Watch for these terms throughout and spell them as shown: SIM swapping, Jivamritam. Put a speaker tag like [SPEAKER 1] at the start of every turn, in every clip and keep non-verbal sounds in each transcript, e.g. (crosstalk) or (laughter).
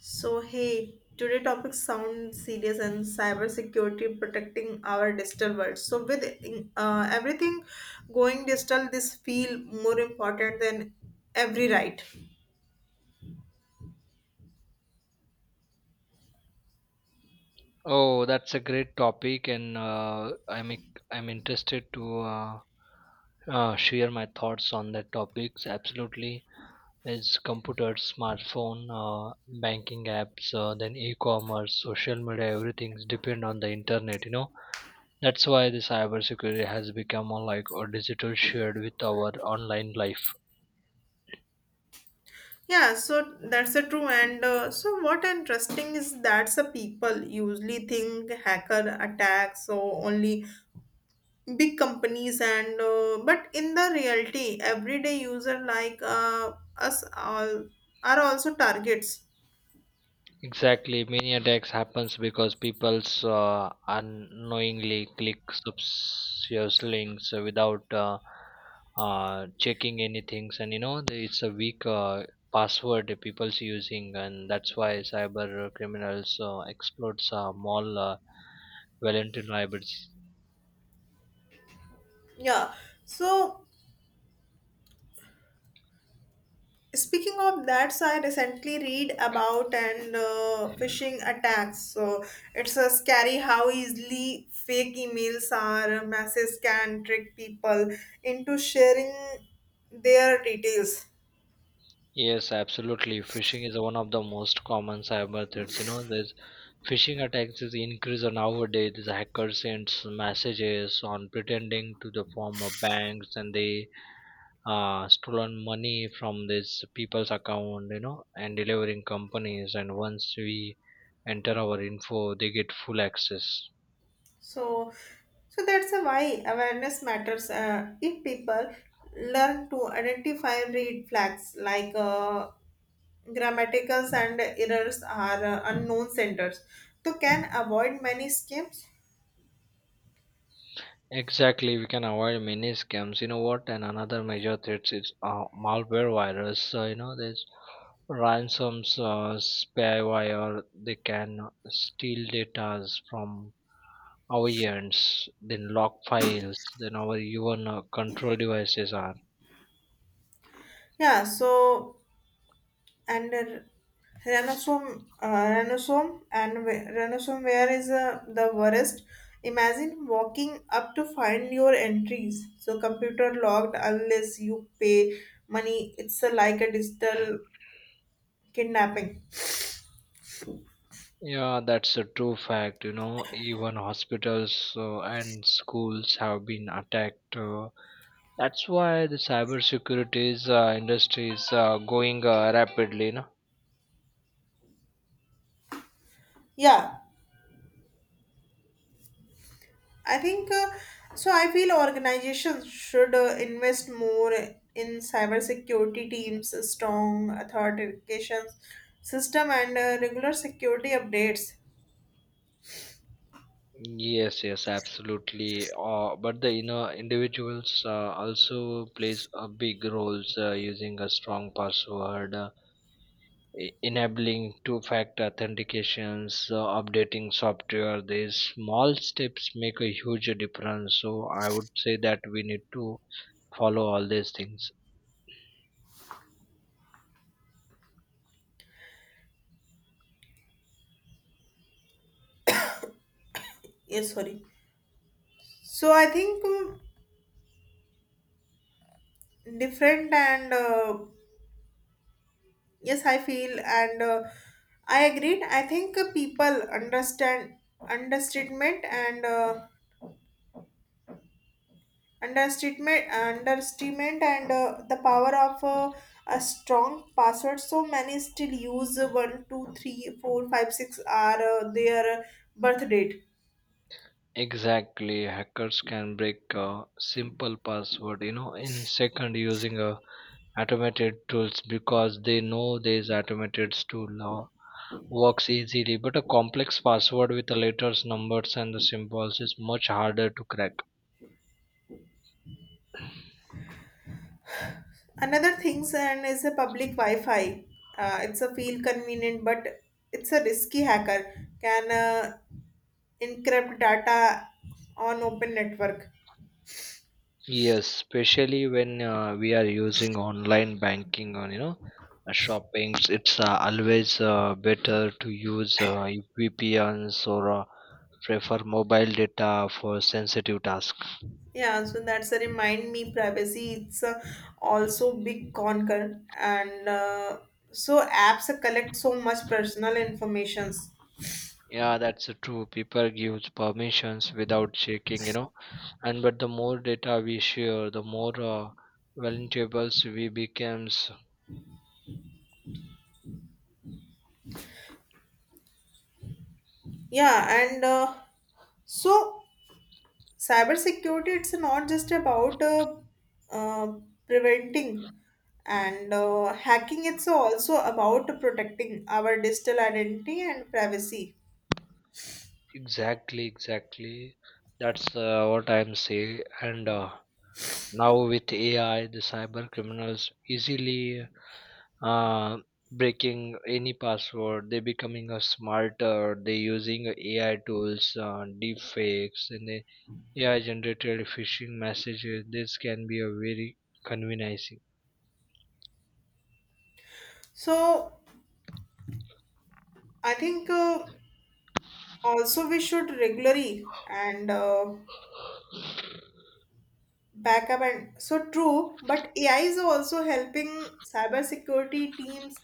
[SPEAKER 1] So, hey, today topic sounds serious and cybersecurity protecting our digital world. So, with everything going digital, this feel more important than every right.
[SPEAKER 2] Oh, that's a great topic, and I'm interested to share my thoughts on that topics. Absolutely, it's computers, smartphone, banking apps, then e-commerce, social media, everything's depend on the internet. You know, that's why the cybersecurity has become a, like a digital shared with our online life.
[SPEAKER 1] Yeah, so that's a true. What interesting is that's the people usually think hacker attacks so only big companies, and but in the reality, everyday user us all are also targets.
[SPEAKER 2] Exactly, many attacks happens because people's unknowingly click suspicious links without checking anything, and you know it's a weak password people's using, and that's why cyber criminals exploits mall vulnerabilities.
[SPEAKER 1] Yeah. So speaking of that, so I recently read about and phishing attacks. So it's scary how easily fake emails or messages can trick people into sharing their details.
[SPEAKER 2] Yes, absolutely. Phishing is one of the most common cyber threats. You know, there's phishing attacks is increased nowadays. These hackers sends messages on pretending to the form of banks, and they stolen money from these people's account. You know, and delivering companies. And once we enter our info, they get full access.
[SPEAKER 1] So, so that's a why awareness matters. If people learn to identify red flags grammaticals and errors are unknown centers, so can avoid many scams.
[SPEAKER 2] Exactly, we can avoid many scams. You know what? And another major threat is malware virus. So, you know, there's ransoms, spyware. They can steal data from our ends, then lock files, then our even control devices are.
[SPEAKER 1] Yeah, so and rhinosome where is the worst. Imagine walking up to find your entries. So computer logged unless you pay money. It's like a digital kidnapping.
[SPEAKER 2] Yeah, that's a true fact. You know, even hospitals and schools have been attacked. That's why the cybersecurity industry is going rapidly. You know?
[SPEAKER 1] Yeah, I think I feel organizations should invest more in cybersecurity teams, strong authentication system, and regular security updates.
[SPEAKER 2] Yes, yes, absolutely. But the you know individuals also plays a big roles using a strong password, enabling two-factor authentications, updating software. These small steps make a huge difference. So I would say that we need to follow all these things.
[SPEAKER 1] Yes, sorry. So I think different and yes, I feel and I agreed. I think people understand understatement and uh, understatement and the power of a strong password. So many still use one, two, three, four, five, six are their birth date.
[SPEAKER 2] Exactly, hackers can break a simple password, you know, in second using a automated tools because they know these automated tool now works easily but a complex password with the letters numbers and the symbols is much harder to crack.
[SPEAKER 1] Another things and is a public Wi-Fi. It's a feel convenient, but it's a risky hacker can encrypt data on open network.
[SPEAKER 2] Yes, especially when we are using online banking or shopping. It's always better to use vpns or prefer mobile data for sensitive tasks.
[SPEAKER 1] Yeah, so that's a remind me privacy it's a also big concern and so apps collect so much personal informations.
[SPEAKER 2] Yeah, that's true. People give permissions without checking, you know, and but the more data we share the more vulnerables we becomes.
[SPEAKER 1] Yeah and so cybersecurity it's not just about uh, preventing and hacking, it's also about protecting our digital identity and privacy.
[SPEAKER 2] Exactly, exactly, that's what I'm saying, and now with ai the cyber criminals easily uh, breaking any password. They becoming a smarter. They using ai tools, deep fakes and the ai generated phishing messages. This can be a very convenient.
[SPEAKER 1] So I think also we should regularly and back, and so true, but AI is also helping cybersecurity teams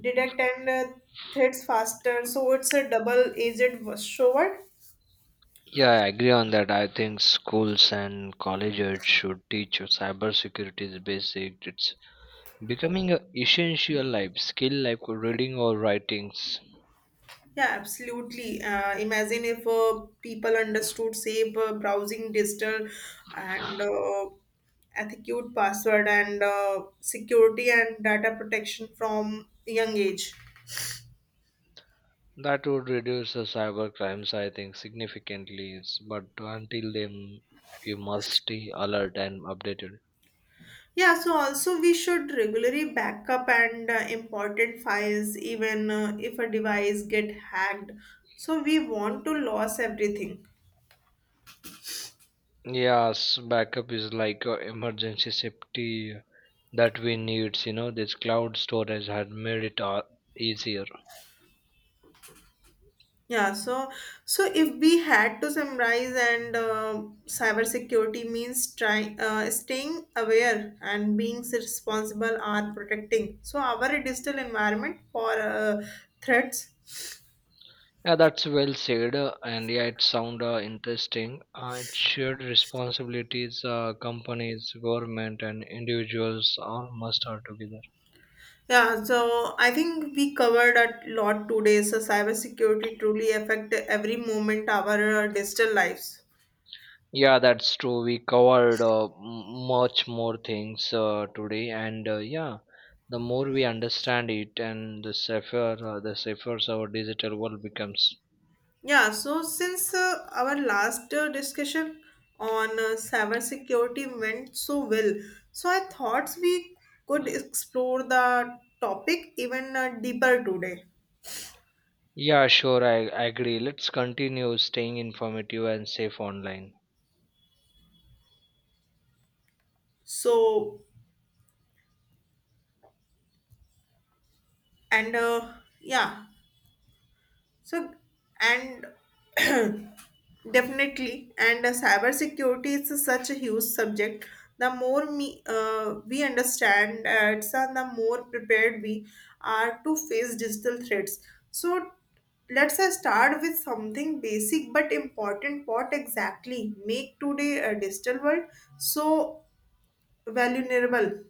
[SPEAKER 1] detect and threats faster, so it's a double edged sword.
[SPEAKER 2] Yeah, I agree on that. I think schools and colleges should teach you cybersecurity is basic. It's becoming an essential life skill like reading or writings.
[SPEAKER 1] Yeah, absolutely. Imagine if people understood safe browsing digital and ethicute password and security and data protection from young age.
[SPEAKER 2] That would reduce the cyber crimes, I think, significantly. But until then, you must stay alert and updated.
[SPEAKER 1] Yeah, so also we should regularly backup and important files even if a device get hacked. So we want to lose everything.
[SPEAKER 2] Yes, backup is like a emergency safety that we need. You know, this cloud storage had made it easier.
[SPEAKER 1] Yeah, so so if we had to summarize and cybersecurity means trying staying aware and being responsible are protecting so our digital environment for threats.
[SPEAKER 2] Yeah, that's well said, and yeah, it sound interesting. It shared responsibilities, companies, government, and individuals all must are together.
[SPEAKER 1] Yeah, so I think we covered a lot today. So cybersecurity truly affect every moment our digital lives.
[SPEAKER 2] Yeah, that's true. We covered much more things today, and yeah, the more we understand it, and the safer our digital world becomes.
[SPEAKER 1] Yeah, so since our last discussion on cybersecurity went so well, so I thought we could explore the topic even deeper today.
[SPEAKER 2] Yeah, sure, I agree. Let's continue staying informative and safe online.
[SPEAKER 1] So and yeah, So, and (clears throat) definitely, and cyber security is such a huge subject. The more we understand it, and the more prepared we are to face digital threats. So, let's start with something basic but important. What exactly make today a digital world so vulnerable?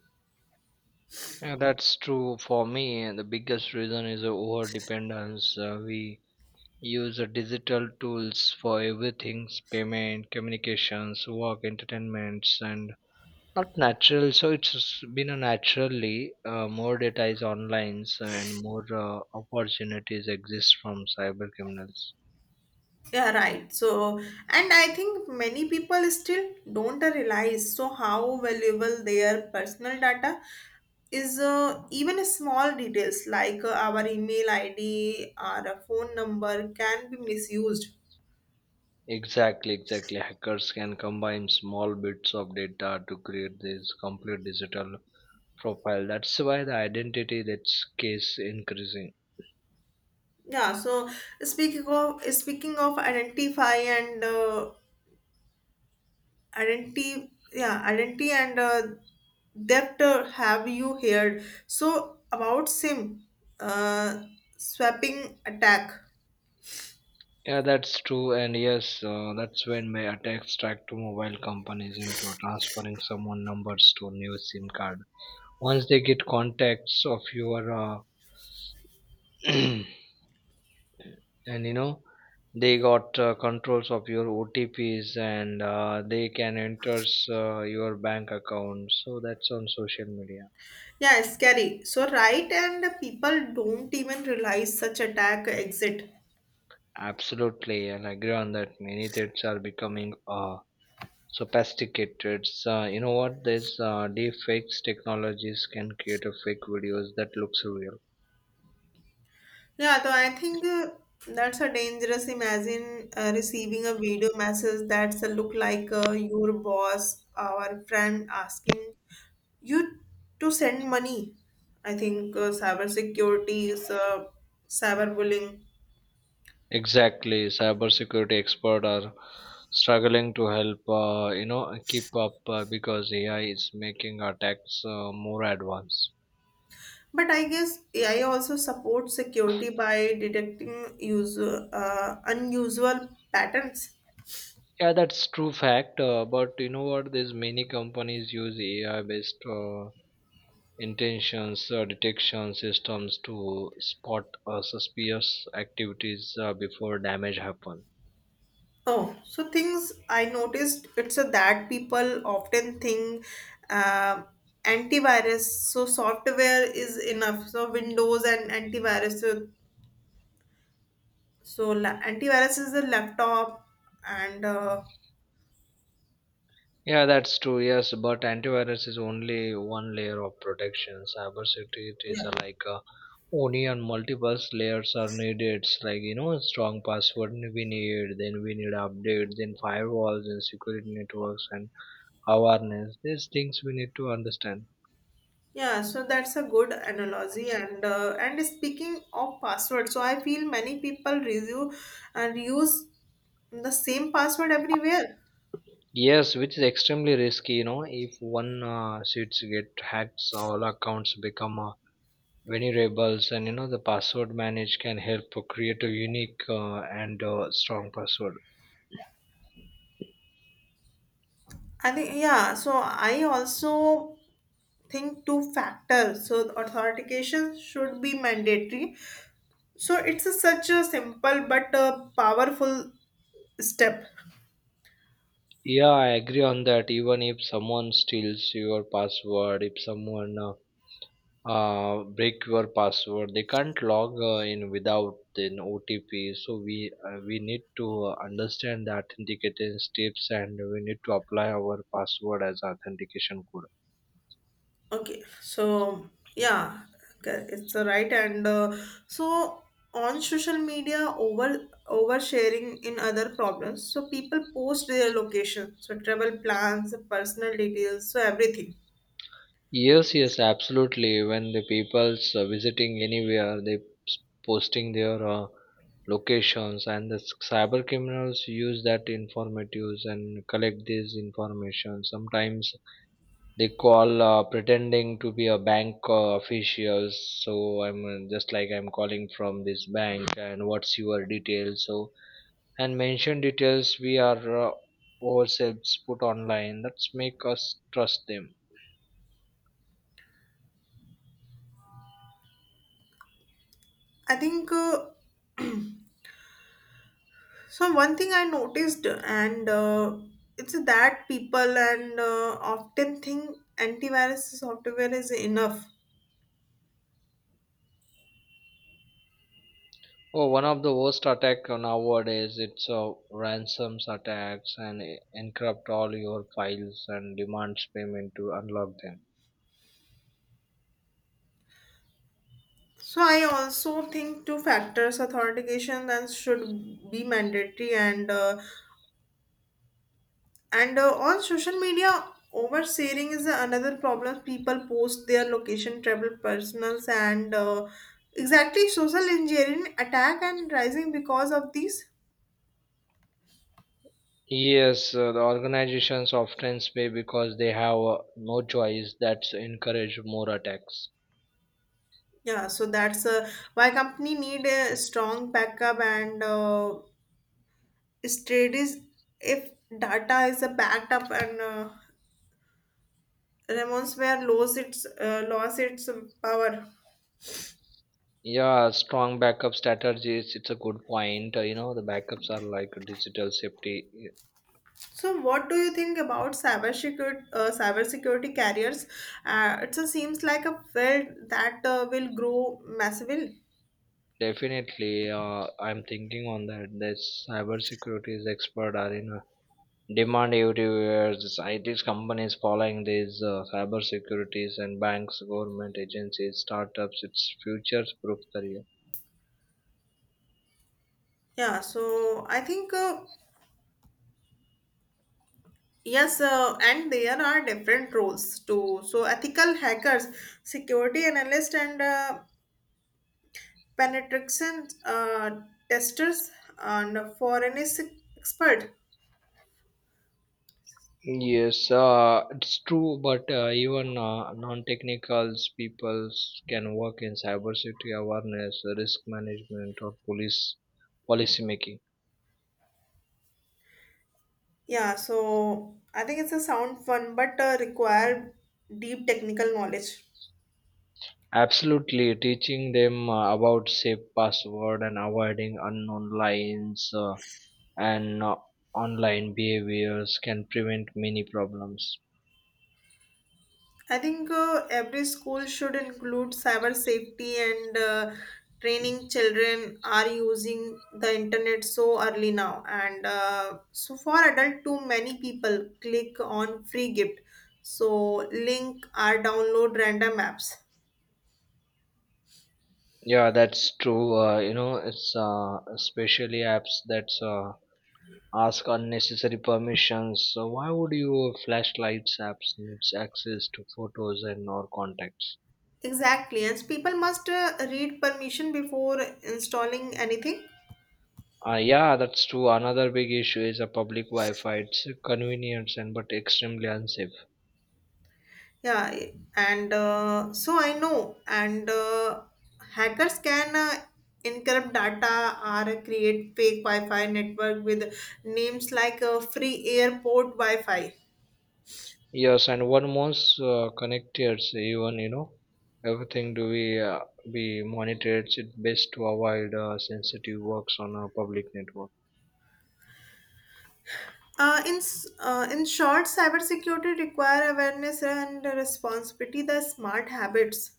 [SPEAKER 2] Yeah, that's true for me. And the biggest reason is over dependence. We use digital tools for everything payment, communications, work, entertainments, and not natural. So it's been a naturally more data is online and more opportunities exist from cyber criminals.
[SPEAKER 1] Yeah, right. So, and I think many people still don't realize so how valuable their personal data is, even small details like our email id or a phone number can be misused.
[SPEAKER 2] Exactly, exactly. Hackers can combine small bits of data to create these complete digital profile. That's why the identity that's case increasing.
[SPEAKER 1] Yeah, so speaking of identify and identity yeah identity and theft, have you heard so about sim uh, swapping attack?
[SPEAKER 2] Yeah, that's true, and yes, that's when my attacks track to mobile companies into transferring someone numbers to new SIM card. Once they get contacts of your, (clears throat) and you know, they got controls of your OTPs and they can enters your bank account. So that's on social media.
[SPEAKER 1] Yeah, scary. So right, and people don't even realize such attack exit.
[SPEAKER 2] Absolutely, and I agree on that. Many threats are becoming sophisticated. So, you know what? These deepfakes technologies can create a fake videos that looks real.
[SPEAKER 1] Yeah, so I think that's a dangerous. Imagine receiving a video message that's a look like your boss, our friend, asking you to send money. I think cyber security is cyberbullying.
[SPEAKER 2] Exactly, cybersecurity expert are struggling to help. You know, keep up because AI is making attacks more advanced.
[SPEAKER 1] But I guess AI also supports security by detecting user, unusual patterns.
[SPEAKER 2] Yeah, that's true fact. But you know what? There's many companies use AI-based intentions detection systems to spot suspicious activities before damage happen.
[SPEAKER 1] Oh, so things I noticed it's a that people often think uh, antivirus. So software is enough. So Windows and antivirus. So antivirus is a laptop, and
[SPEAKER 2] Yeah, that's true. Yes, but antivirus is only one layer of protection. Cybersecurity is a
[SPEAKER 1] yeah,
[SPEAKER 2] like a onion. Multiple layers are needed. It's like, you know, strong password we need, then we need update, then firewalls and security networks and awareness. These things we need to understand.
[SPEAKER 1] yeah. So that's a good analogy. And speaking of password, so I feel many people review and use the same password everywhere.
[SPEAKER 2] Yes, which is extremely risky. You know, if one sheets get hacked, all accounts become vulnerables, and you know the password manage can help create a unique and strong password.
[SPEAKER 1] I think yeah. So I also thing to factor so authentication should be mandatory, so it's a, such a simple but a powerful step.
[SPEAKER 2] Yeah, I agree on that. Even if someone steals your password, if someone break your password, they can't log in without an OTP. So we need to understand the authentication steps, and we need to apply our password as authentication code.
[SPEAKER 1] Okay, so yeah. Okay, it's a right and so on social media over oversharing in other problems, so people post their location, so travel plans, personal details, so everything.
[SPEAKER 2] Yes, yes, absolutely. When the people's visiting anywhere, posting their locations, and cyber criminals use that informatives and collect this information. Sometimes they call pretending to be a bank officials. So I'm just like I'm calling from this bank, and what's your details? So and mention details we are ourselves put online. That's make us trust them.
[SPEAKER 1] I think (clears throat) so one thing I noticed, and it's that people and often think antivirus software is enough.
[SPEAKER 2] Oh, one of the worst attack nowadays it's ransoms attacks and encrypt all your files and demands payment to unlock them.
[SPEAKER 1] So I also think two factors authentication that should be mandatory, and on social media oversharing is another problem. People post their location, travel, personals, and exactly social engineering attack and rising because of these.
[SPEAKER 2] Yes, the organizations often pay because they have no choice. That's encourage more attacks.
[SPEAKER 1] Yeah, so that's why company need a strong backup and strategies. If data is backed up and Ramon's where lose its lost its power.
[SPEAKER 2] Yeah, strong backup strategies. It's a good point. You know, the backups are like digital safety. Y-
[SPEAKER 1] So, what do you think about cyber security carriers? It seems like a field that will grow massively.
[SPEAKER 2] Definitely, I'm thinking on that. This cybersecurity expert are in demand everywhere. This IT companies following these cyber securities and banks, government agencies, startups. It's future-proof career.
[SPEAKER 1] Yeah, so I think yes, and there are different roles too. So ethical hackers, security analyst, and penetration testers and forensic expert.
[SPEAKER 2] Yes, it's true, but even non-technical people can work in cybersecurity awareness, risk management, or police policy making.
[SPEAKER 1] Yeah, so I think it's a sound fun but require deep technical knowledge.
[SPEAKER 2] Absolutely, teaching them about safe password and avoiding unknown lines. And online behaviors can prevent many problems.
[SPEAKER 1] I think every school should include cyber safety and training children are using the internet so early now. And So for adult, too many people click on free gift. So link or download random apps.
[SPEAKER 2] Yeah, that's true. You know it's especially apps that ask unnecessary permissions. So why would you? Flashlights apps needs access to photos and or contacts.
[SPEAKER 1] Exactly, and people must read permission before installing anything.
[SPEAKER 2] Yeah, that's true. Another big issue is a public wi-fi. It's convenient and but extremely unsafe.
[SPEAKER 1] Yeah, and so I know, and hackers can encrypt data or create fake Wi-Fi network with names like free airport Wi-Fi.
[SPEAKER 2] Yes, and one most connected, even you know, everything do we be monitored. It best to avoid sensitive works on a public network.
[SPEAKER 1] In short, cybersecurity require awareness and responsibility, the smart habits.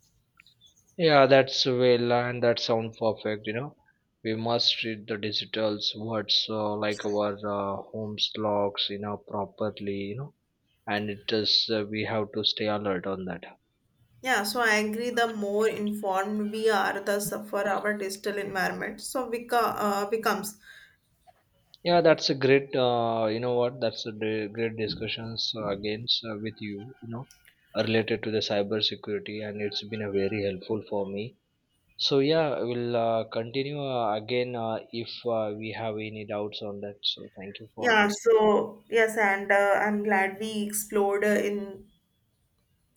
[SPEAKER 2] Yeah, that's well, and that sound perfect. You know, we must treat the digital's words like our home's logs, you know, properly. You know, and it does. We have to stay alert on that.
[SPEAKER 1] Yeah, so I agree. The more informed we are, the suffer our digital environment. So we becomes.
[SPEAKER 2] Yeah, that's a great, you know what, that's a great discussions against with you, you know, related to the cyber security and it's been a very helpful for me. So yeah, we'll continue again if we have any doubts on that. So thank you for
[SPEAKER 1] Yeah.
[SPEAKER 2] this.
[SPEAKER 1] So yes, and I'm glad we explored in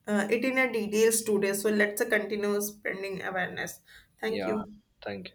[SPEAKER 1] it in a details today. So let's continue spreading awareness. Thank
[SPEAKER 2] Yeah,
[SPEAKER 1] you.
[SPEAKER 2] thank you.